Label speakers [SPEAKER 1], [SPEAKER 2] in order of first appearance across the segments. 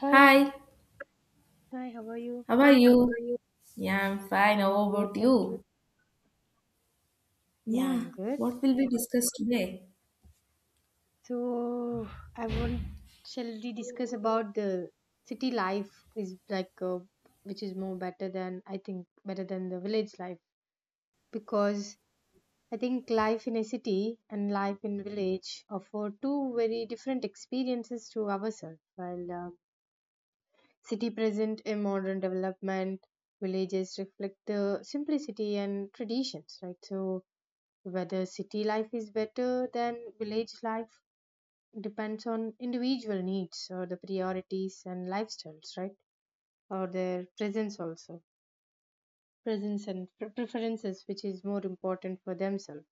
[SPEAKER 1] Hi,
[SPEAKER 2] Hi,
[SPEAKER 1] hi, how are you?
[SPEAKER 2] how are How you? Are you? Yeah, I'm fine.
[SPEAKER 1] I am
[SPEAKER 2] How
[SPEAKER 1] good,
[SPEAKER 2] about
[SPEAKER 1] thank you.
[SPEAKER 2] you?
[SPEAKER 1] Yeah, I'm
[SPEAKER 2] Yeah,
[SPEAKER 1] good.
[SPEAKER 2] what will we discuss today?
[SPEAKER 1] So, I want, shall we discuss about the city life is like, which is more better than, I think, better than the village life because I think life in a city and life in village offer two very different experiences to ourselves. While city present a modern development, villages reflect the simplicity and traditions, right? So, whether city life is better than village life depends on individual needs or the priorities and lifestyles, right? Or their presence also, presence and preferences, which is more important for themselves.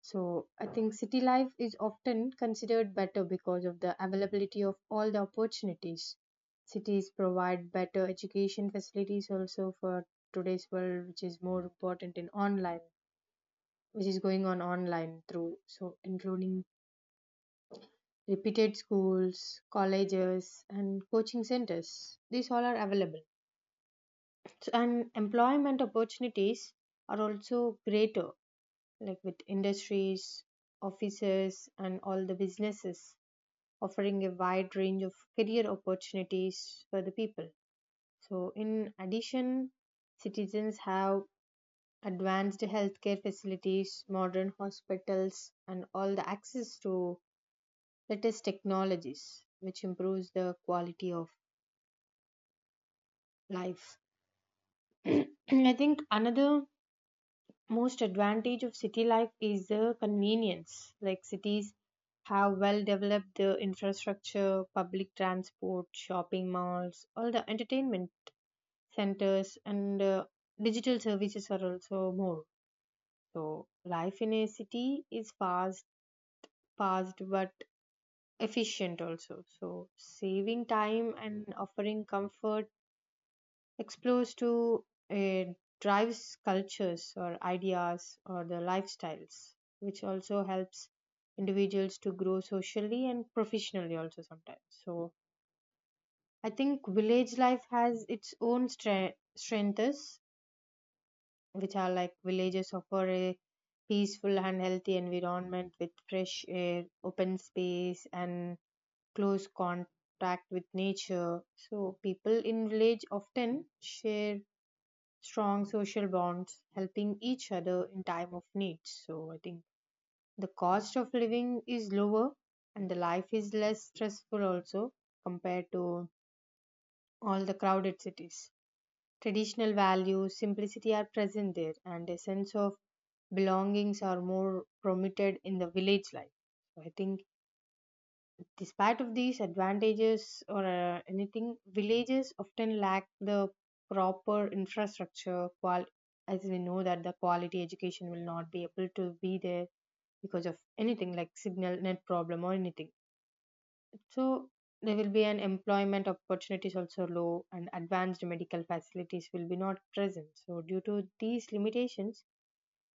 [SPEAKER 1] So I think city life is often considered better because of the availability of all the opportunities. Cities provide better education facilities also for today's world, which is more important in online, which is going on online through so including repeated schools, colleges, and coaching centers. These all are available. So, and employment opportunities are also greater, like with industries, offices, and all the businesses offering a wide range of career opportunities for the people. So, in addition, citizens have advanced healthcare facilities, modern hospitals, and all the access to latest technologies, which improves the quality of life. I think another most advantage of city life is the convenience. Like cities have well developed the infrastructure, public transport, shopping malls, all the entertainment centers, and digital services are also more. So life in a city is fast but efficient also. So saving time and offering comfort explores to it drives cultures or ideas or the lifestyles which also helps individuals to grow socially and professionally also sometimes. So I think village life has its own strengths, which are like villages offer a peaceful and healthy environment with fresh air, open space, and close contact with nature. So people in village often share strong social bonds, helping each other in time of need. So I think the cost of living is lower and the life is less stressful also compared to all the crowded cities. Traditional values, simplicity are present there and a sense of belongings are more promoted in the village life. So I think despite of these advantages or anything, villages often lack the proper infrastructure. As we know that the quality education will not be able to be there because of anything like signal net problem or anything. So there will be an employment opportunities also low and advanced medical facilities will be not present. So due to these limitations,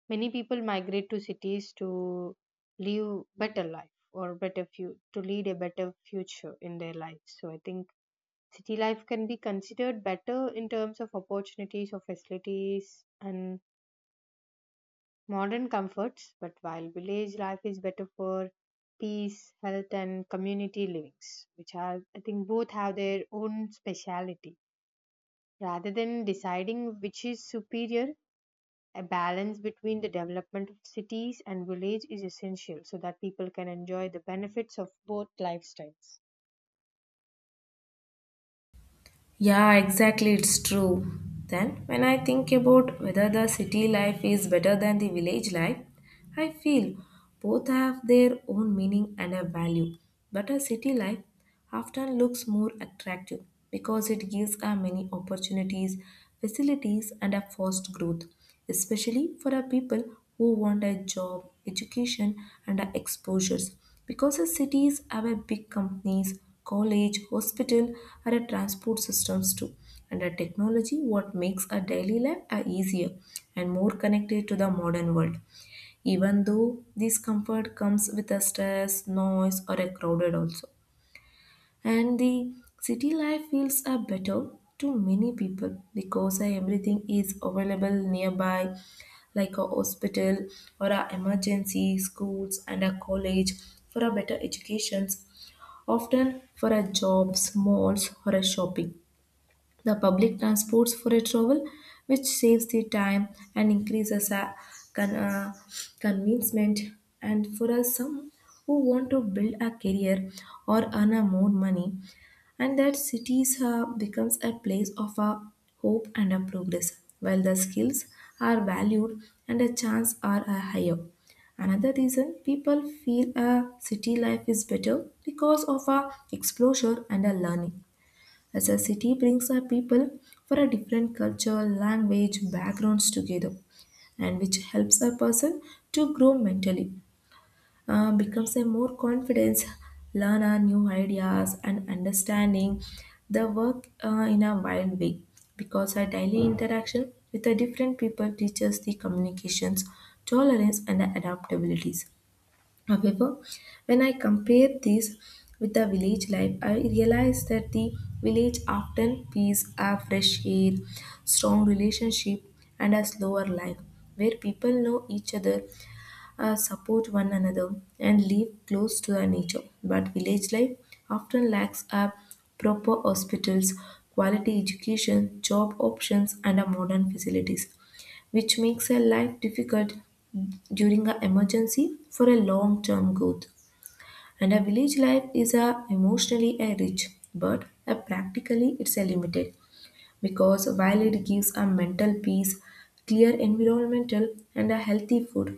[SPEAKER 1] many people migrate to cities to live better life or better to lead a better future in their lives. So I think city life can be considered better in terms of opportunities or facilities and modern comforts, but while village life is better for peace, health and community livings, which are I think both have their own speciality. Rather than deciding which is superior, a balance between the development of cities and village is essential so that people can enjoy the benefits of both lifestyles.
[SPEAKER 2] Yeah, exactly, it's true. Then, when I think about whether the city life is better than the village life, I feel both have their own meaning and a value. But a city life often looks more attractive because it gives us many opportunities, facilities, and a fast growth, especially for our people who want a job, education, and our exposures. Because our cities have a big companies, college, hospital, and our transport systems too. And our technology, what makes our daily life are easier and more connected to the modern world. Even though this comfort comes with a stress, noise, or a crowded also, and the city life feels are better to many people because everything is available nearby, like a hospital or a emergency schools and a college for a better educations, often for a jobs malls or a shopping, the public transports for a travel, which saves the time and increases a con- uh, convincement. And for us some who want to build a career or earn a more money, and that cities becomes a place of a hope and a progress, while the skills are valued and the chance are higher. Another reason people feel a city life is better because of a exposure and a learning, as a city brings our people for a different culture language backgrounds together, and which helps a person to grow mentally, becomes a more confidence, learn our new ideas and understanding the work in a wide way, because our daily interaction with the different people teaches the communications, tolerance and adaptabilities. However, when I compare this with the village life, I realize that the village often feels a fresh air, strong relationship, and a slower life, where people know each other, support one another, and live close to the nature. But village life often lacks a proper hospitals, quality education, job options, and a modern facilities, which makes a life difficult during an emergency for a long-term growth. And a village life is a emotionally a rich, but a practically it's a limited, because while it gives a mental peace, clear environmental and a healthy food,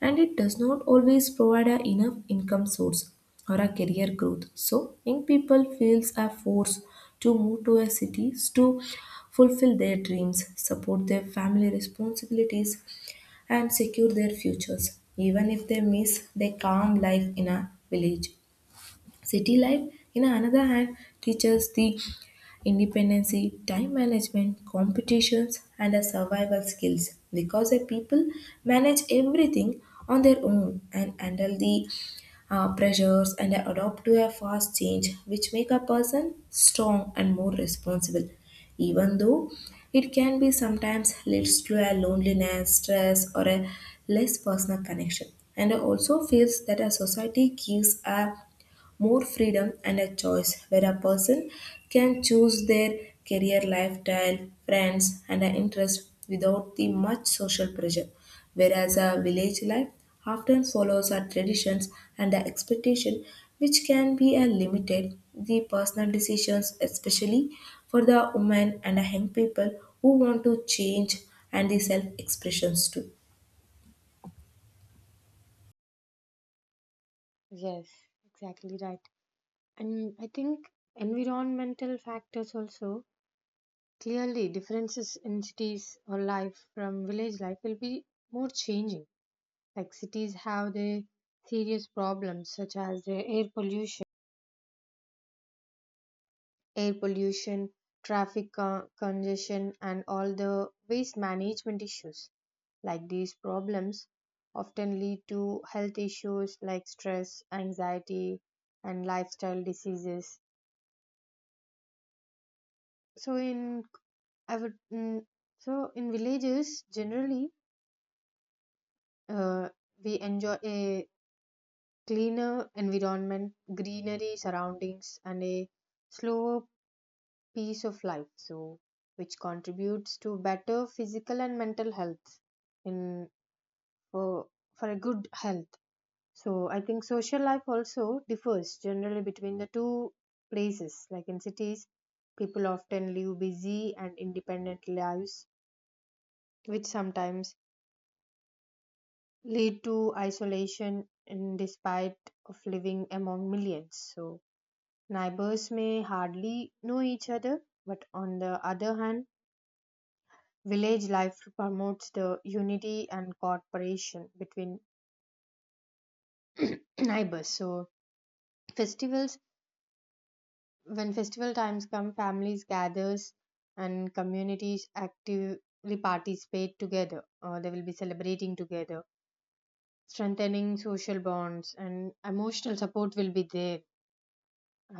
[SPEAKER 2] and it does not always provide a enough income source or a career growth, so young people feels are forced to move to a cities to fulfill their dreams, support their family responsibilities, and secure their futures, even if they miss their calm life in a village. City life, in another hand, teaches the independency, time management, competitions, and a survival skills, because the people manage everything on their own and handle the pressures and adapt to a fast change, which make a person strong and more responsible, even though it can be sometimes leads to a loneliness stress or a less personal connection. And also feels that a society gives a more freedom and a choice, where a person can choose their career lifestyle, friends, and an interest without the much social pressure. Whereas a village life often follows our traditions and the expectation, which can be a limited the personal decisions, especially for the women and the young people who want to change and the self expressions too.
[SPEAKER 1] Yes, exactly right. And I think environmental factors also clearly differences in cities or life from village life will be more changing. Like cities have their serious problems such as the air pollution, congestion, and all the waste management issues. Like these problems often lead to health issues like stress, anxiety, and lifestyle diseases. So in I would mm, so in villages generally uh, we enjoy a cleaner environment, greenery surroundings, and a slower pace of life. So which contributes to better physical and mental health in for for a good health. So I think social life also differs generally between the two places. Like in cities, people often live busy and independent lives, which sometimes lead to isolation and despite of living among millions. So neighbors may hardly know each other, but on the other hand, village life promotes the unity and cooperation between neighbors. So festivals when festival times come, families gathers and communities actively participate together. They will be celebrating together, strengthening social bonds and emotional support will be there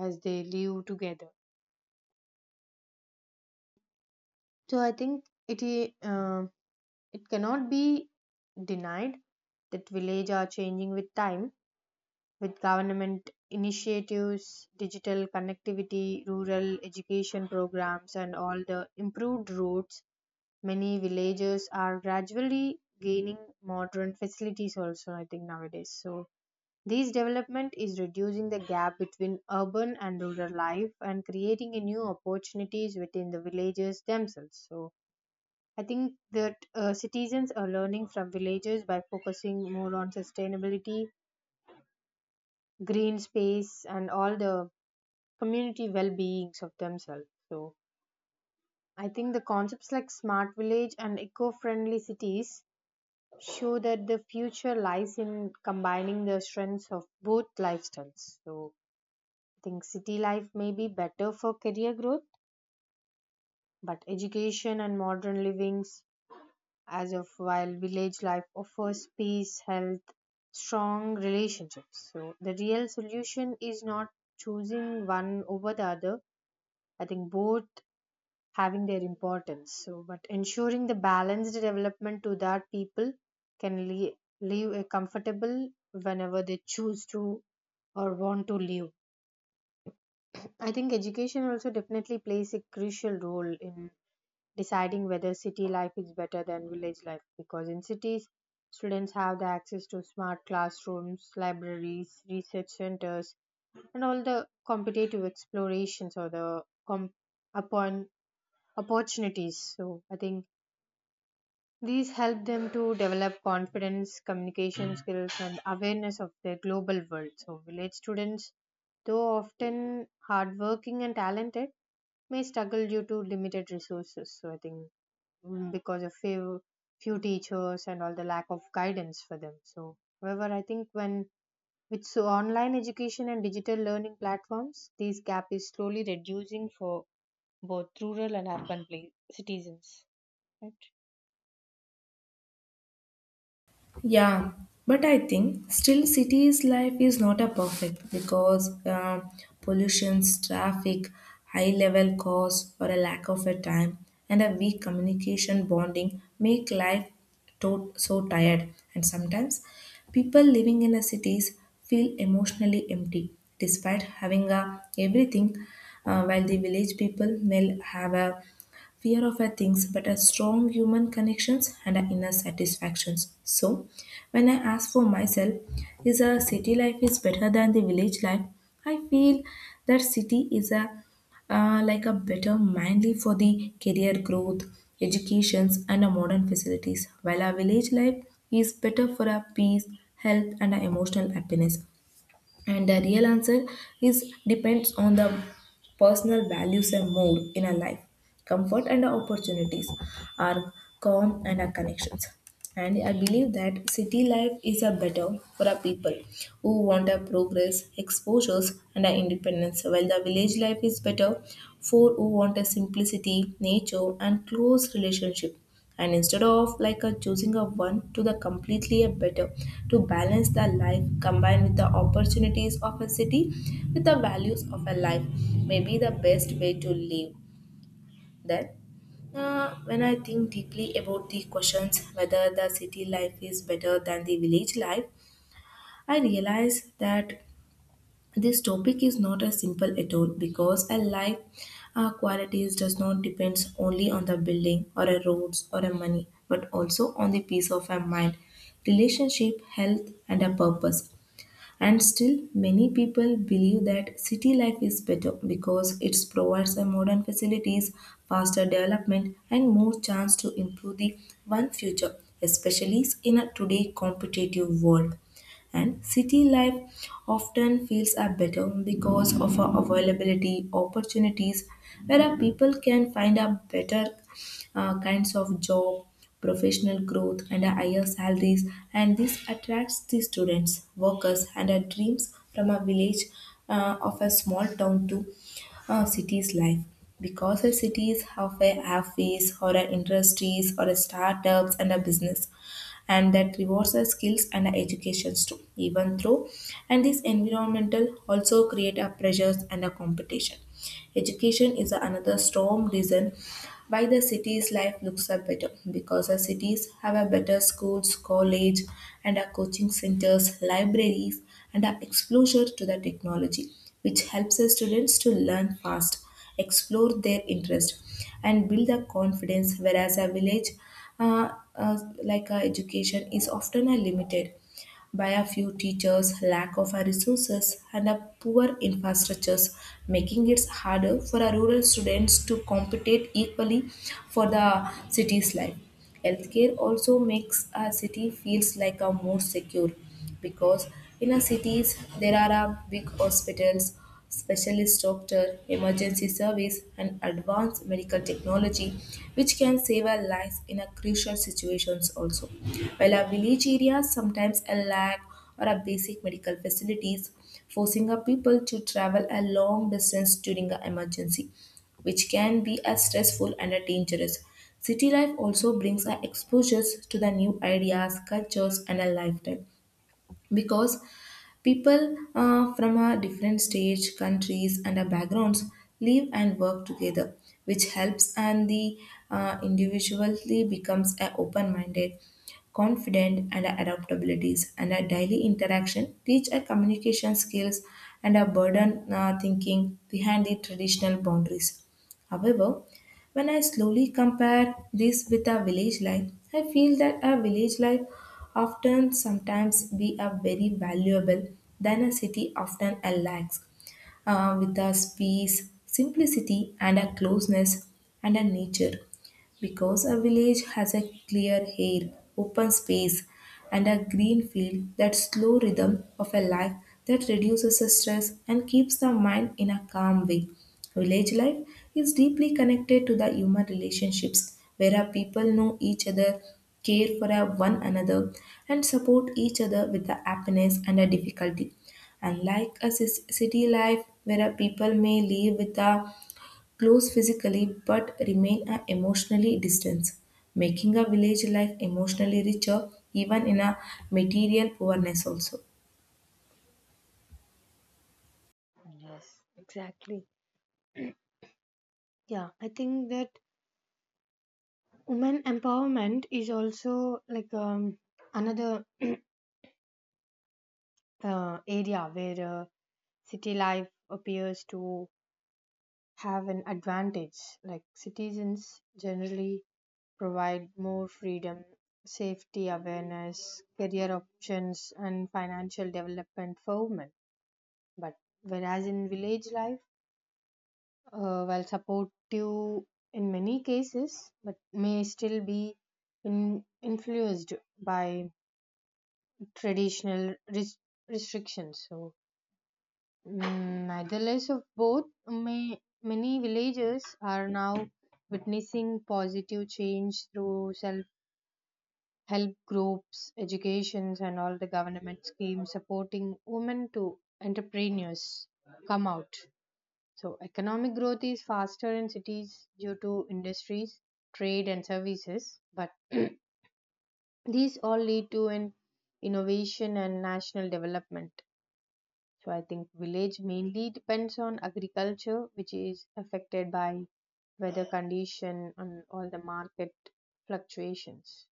[SPEAKER 1] as they live together. So I think it cannot be denied that village are changing with time, with government initiatives, digital connectivity, rural education programs, and all the improved roads. Many villages are gradually gaining modern facilities also, I think, nowadays. So this development is reducing the gap between urban and rural life and creating a new opportunities within the villages themselves. So I think that citizens are learning from villages by focusing more on sustainability, green space, and all the community well-beings of themselves. So I think the concepts like smart village and eco-friendly cities show that the future lies in combining the strengths of both lifestyles. So I think city life may be better for career growth, but education and modern livings, as of while village life offers peace, health, strong relationships. So the real solution is not choosing one over the other. I think both having their importance. So, but ensuring the balanced development to that people can le- live a comfortable whenever they choose to or want to live. I think education also definitely plays a crucial role in deciding whether city life is better than village life because in cities, students have the access to smart classrooms, libraries, research centers, and all the competitive explorations or the upon opportunities. So I think these help them to develop confidence, communication skills, and awareness of their global world. So, village students, though often hardworking and talented, may struggle due to limited resources. So, I think because of few teachers and all the lack of guidance for them. So, however, I think when with so online education and digital learning platforms, this gap is slowly reducing for both rural and urban citizens. Right?
[SPEAKER 2] Yeah, but I think still cities life is not a perfect, because pollutions, traffic, high level costs, or a lack of a time, and a weak communication bonding make life so tired. And sometimes people living in the cities feel emotionally empty despite having a everything, while the village people may have a fear of a things, but a strong human connections and a inner satisfactions. So, when I ask for myself, is a city life is better than the village life? I feel that city is a like a better mainly for the career growth, educations, and a modern facilities, while a village life is better for a peace, health, and a emotional happiness. And the real answer is depends on the personal values and mood in a life, comfort and opportunities, our calm and our connections. And I believe that city life is a better for our people who want our progress, exposures, and our independence, while the village life is better for who want a simplicity, nature, and close relationship. And instead of like a choosing a one to the completely a better, to balance the life combined with the opportunities of a city with the values of a life may be the best way to live. Then, when I think deeply about the questions whether the city life is better than the village life, I realize that this topic is not as simple at all, because a life qualities does not depend only on the building or a roads or a money, but also on the peace of a mind, relationship, health, and a purpose. And still, many people believe that city life is better because it provides a modern facilities, faster development, and more chance to improve the one future, especially in a today competitive world. And city life often feels are better because of our availability opportunities, where our people can find a better kinds of job, professional growth and our higher salaries, and this attracts the students workers and our dreams from a village of a small town to a city's life, because the cities have a office or a industries or a startups and a business, and that rewards our skills and our educations too, even through. And this environmental also create a pressures and a competition. Education is another strong reason why the city's life looks up better, because the cities have a better schools college and a coaching centers libraries and a exposure to the technology, which helps the students to learn fast, explore their interest, and build the confidence, whereas a village, uh, uh, like education is often limited by a few teachers, lack of resources, and a poor infrastructures, making it harder for our rural students to compete equally for the city's life. Healthcare also makes a city feels like a more secure, because in our cities there are a big hospitals, specialist doctor, emergency service, and advanced medical technology, which can save our lives in a crucial situations also. While our village areas sometimes a lack or a basic medical facilities, forcing our people to travel a long distance during an emergency, which can be as stressful and a dangerous. City life also brings our exposures to the new ideas, cultures, and a lifestyle, because people from a different stage countries and our backgrounds live and work together, which helps and the individually becomes a open-minded, confident and our adaptabilities, and our daily interaction teach our communication skills and our burden thinking behind the traditional boundaries. However, when I slowly compare this with our village life, I feel that our village life often sometimes be a very valuable than a city often lacks, with a peace, simplicity, and a closeness and a nature. Because a village has a clear air, open space, and a green field, that slow rhythm of a life that reduces the stress and keeps the mind in a calm way. Village life is deeply connected to the human relationships, where our people know each other, care for our one another, and support each other with the happiness and the difficulty. Unlike a city life where a people may live with a close physically but remain a emotionally distant, making a village life emotionally richer even in a material poorness also.
[SPEAKER 1] Yes, exactly. Yeah, I think that women empowerment is also like another area where city life appears to have an advantage. Like citizens generally provide more freedom, safety awareness, career options, and financial development for women. But whereas in village life, while supportive in many cases, but may still be influenced by traditional restrictions. So, neitherless of both, many villages are now witnessing positive change through self help groups, educations, and all the government schemes supporting women to entrepreneurs come out. So, economic growth is faster in cities due to industries, trade, and services, but these all lead to an innovation and national development. So I think village mainly depends on agriculture, which is affected by weather condition and all the market fluctuations.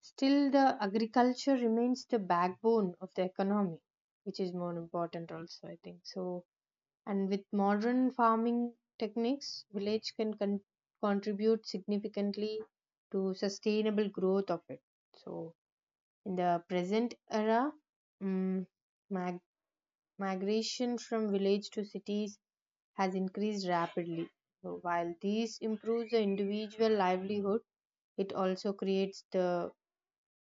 [SPEAKER 1] Still, the agriculture remains the backbone of the economy, which is more important also, I think. So, and with modern farming techniques, village contribute significantly to sustainable growth of it. So, in the present era, mm migration from village to cities has increased rapidly. So while these improves the individual livelihood, it also creates the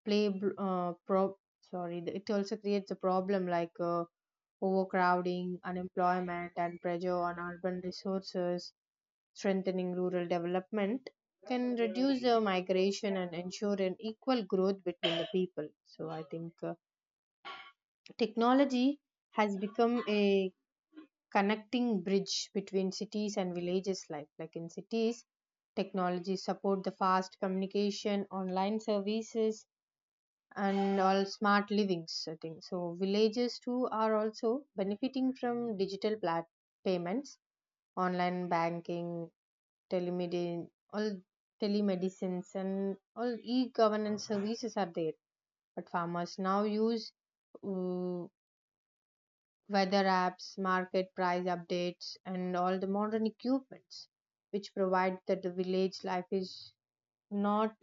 [SPEAKER 1] play uh, pro- it also creates a problem like overcrowding, unemployment, and pressure on urban resources. Strengthening rural development can reduce the migration and ensure an equal growth between the people. So I think technology has become a connecting bridge between cities and villages life. Like in cities, technology support the fast communication, online services, and all smart livings, I think. So villages too are also benefiting from payments, online banking, telemedicine all telemedicines and all e-governance services are there, but farmers now use uh, weather apps, market price updates, and all the modern equipments, which provide that the village life is not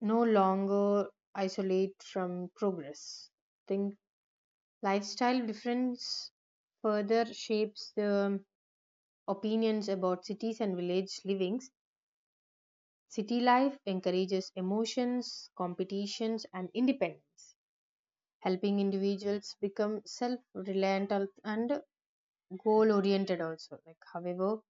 [SPEAKER 1] no longer isolate from progress. Think lifestyle difference further shapes the opinions about cities and village livings. City life encourages emotions, competitions, and independence, helping individuals become self-reliant and goal-oriented also. Like, however,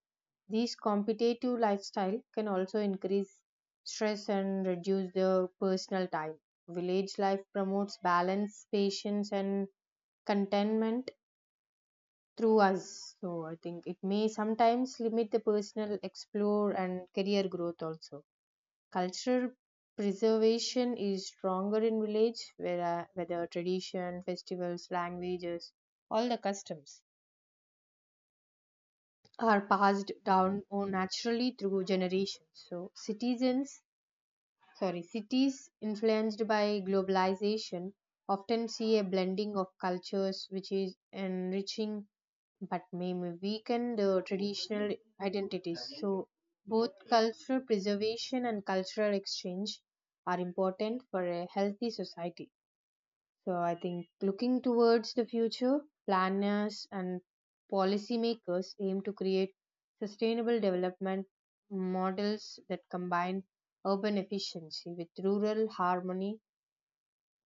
[SPEAKER 1] these competitive lifestyle can also increase stress and reduce the personal time. Village life promotes balance, patience, and contentment through us. So I think it may sometimes limit the personal explore and career growth also. Cultural preservation is stronger in village, where, whether tradition, festivals, languages, all the customs are passed down or naturally through generations. So cities influenced by globalization often see a blending of cultures which is enriching but may weaken the traditional identities. So, both cultural preservation and cultural exchange are important for a healthy society. So I think looking towards the future, planners and policymakers aim to create sustainable development models that combine urban efficiency with rural harmony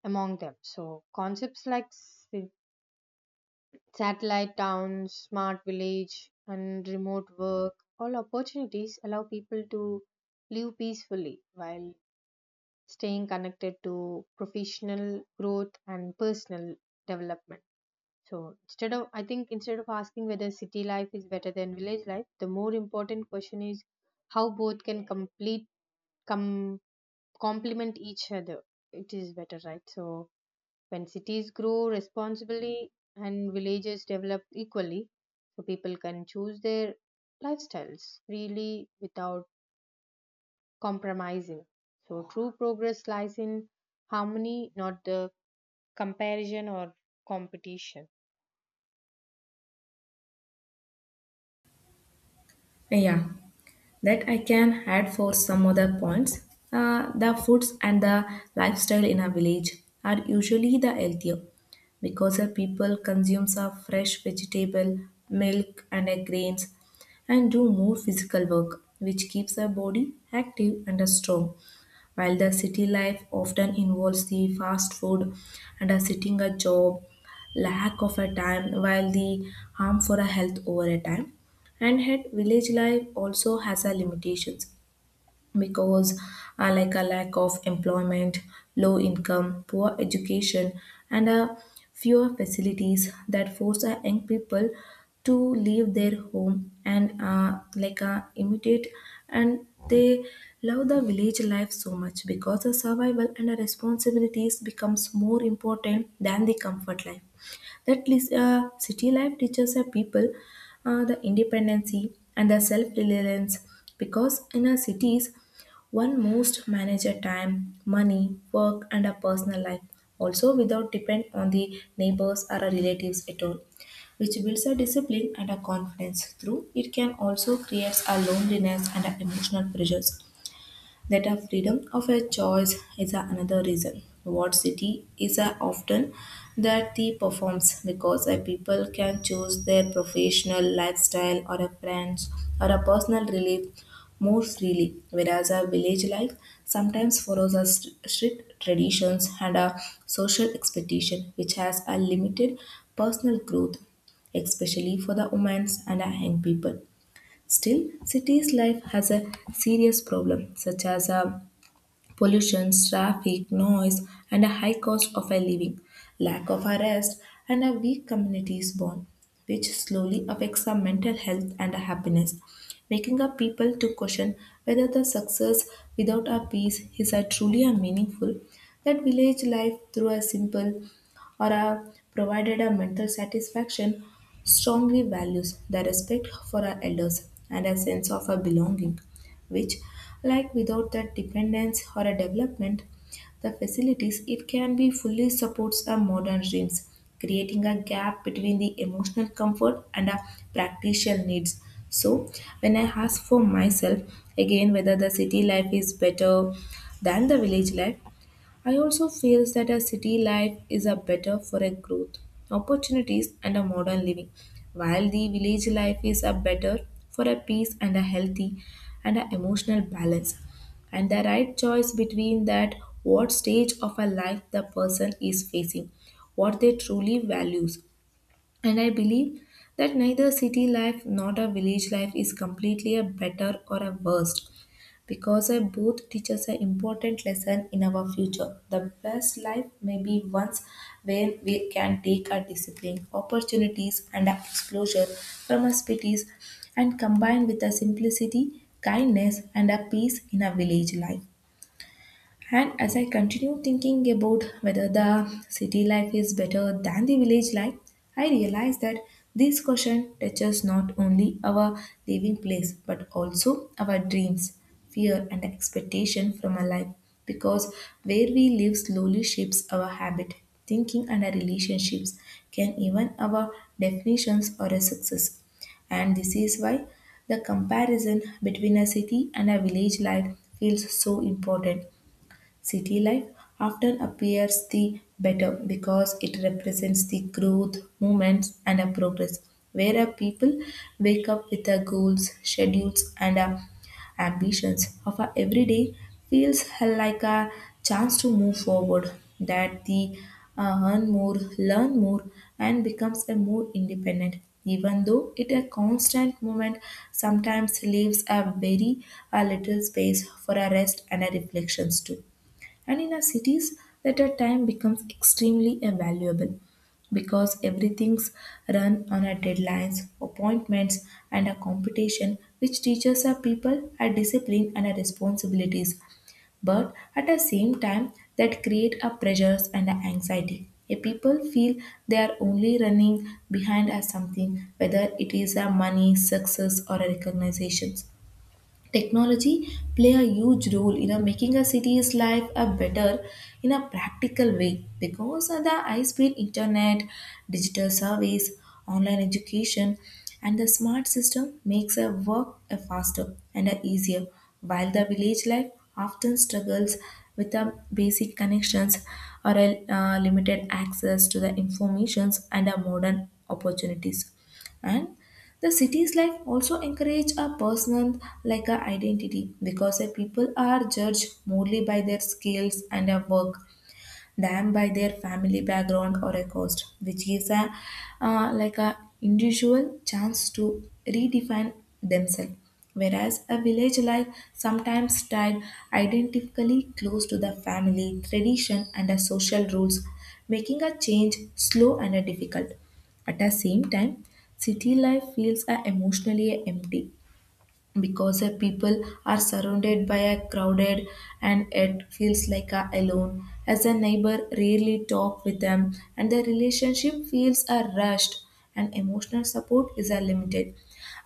[SPEAKER 1] among them. So concepts like satellite towns, smart village, and remote work, all opportunities allow people to live peacefully while staying connected to professional growth and personal development. So instead of, I think instead of asking whether city life is better than village life, the more important question is how both can com, complement each other. It is better, right? So when cities grow responsibly and villages develop equally, so people can choose their lifestyles freely without compromising. So true progress lies in harmony, not the comparison or competition.
[SPEAKER 2] Yeah, that I can add for some other points. The foods and the lifestyle in a village are usually the healthier, because the people consumes a fresh vegetable, milk and grains, and do more physical work which keeps the body active and strong. While the city life often involves the fast food and a sitting a job, lack of a time, while the harm for a health over a time. And yet, village life also has a limitations, because I like a lack of employment, low income, poor education, and a fewer facilities that force a young people to leave their home and like imitate, and they love the village life so much because the survival and the responsibilities becomes more important than the comfort life. That city life teaches a people the independency and the self-reliance, because in our cities one must manage a time, money, work, and a personal life, also without depend on the neighbors or a relatives at all, which builds a discipline and a confidence. Through it can also creates a loneliness and a emotional pressures. That our freedom of a choice is another reason. What city is a often that the performs because a people can choose their professional lifestyle or a friends or a personal relief more freely, whereas a village life sometimes follows a strict traditions and a social expectation which has a limited personal growth, especially for the women and a young people. Still, cities life has a serious problem such as a pollution, traffic, noise, and a high cost of a living, lack of a rest, and a weak communities bond, which slowly affects our mental health and our happiness, making our people to question whether the success without our peace is a truly a meaningful. That village life through a simple or a provided a mental satisfaction strongly values the respect for our elders and a sense of a belonging which, like without that dependence or a development, the facilities it can be fully supports our modern dreams, creating a gap between the emotional comfort and our practical needs. So when I ask for myself again whether the city life is better than the village life, I also feel that a city life is a better for a growth, opportunities and a modern living, while the village life is a better for a peace and a healthy and a emotional balance. And the right choice between that what stage of a life the person is facing, what they truly values. And I believe that neither city life nor a village life is completely a better or a worst because both booth teaches an important lesson in our future. The best life may be ones where we can take our discipline, opportunities, and our exposure from our cities and combine with a simplicity, kindness, and a peace in our village life. And as I continue thinking about whether the city life is better than the village life, I realize that this question touches not only our living place but also our dreams, fear, and expectation from our life because where we live slowly shapes our habit, thinking, and our relationships, can even our definitions or a success, and this is why the comparison between a city and a village life feels so important. City life often appears the better because it represents the growth, movements, and a progress, where a people wake up with their goals, schedules, and ambitions of a everyday feels like a chance to move forward, that the earn more, learn more, and becomes a more independent. Even though it a constant movement, sometimes leaves a very a little space for a rest and a reflections too. And in our cities, that our time becomes extremely valuable because everything's run on our deadlines, appointments, and a competition, which teaches our people our discipline and our responsibilities. But at the same time, that create a pressures and a anxiety. A people feel they are only running behind as something, whether it is a money, success, or a recognitions technology play a huge role in making a city's life a better in a practical way because of the high speed internet, digital service, online education, and the smart system makes a work a faster and a easier while the village life often struggles with the basic connections or a limited access to the informations and a modern opportunities, and the city's life also encourage a personal like a identity because the people are judged morely by their skills and their work than by their family background or a cost, which gives a like a individual chance to redefine themselves. Whereas a village life sometimes tied identically close to the family, tradition, and the social rules, making a change slow and difficult. At the same time, city life feels emotionally empty because the people are surrounded by a crowded and it feels like a alone as a neighbor rarely talk with them and the relationship feels are rushed and emotional support is a limited,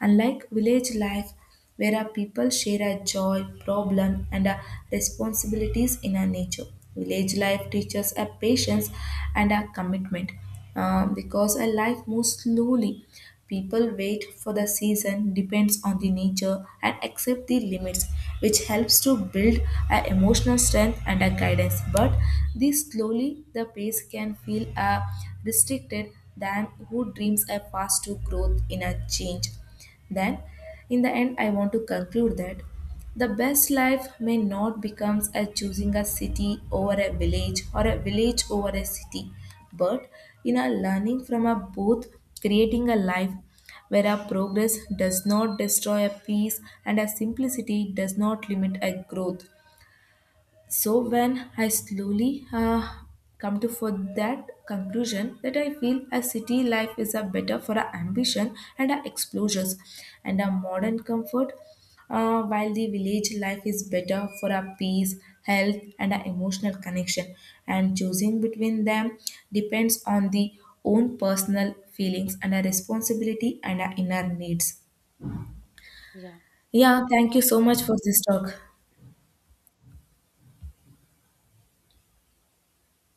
[SPEAKER 2] unlike village life where a people share a joy problem and a responsibilities in a nature. Village life teaches a patience and a commitment because a life moves slowly. People wait for the season depends on the nature and accept the limits, which helps to build a emotional strength and a guidance. But this slowly the pace can feel restricted than who dreams a fast to growth in a change. Then in the end I want to conclude that the best life may not become as choosing a city over a village or a village over a city, but in a learning from a both, creating a life where our progress does not destroy a peace and our simplicity does not limit a growth. So when I slowly come to for that conclusion that I feel a city life is a better for our ambition and our exposures and our modern comfort, while the village life is better for our peace, health, and our emotional connection. And choosing between them depends on the own personal feelings and our responsibility and our inner needs.
[SPEAKER 1] Yeah.
[SPEAKER 2] Yeah,
[SPEAKER 1] Thank
[SPEAKER 2] thank
[SPEAKER 1] you.
[SPEAKER 2] you so much for this talk.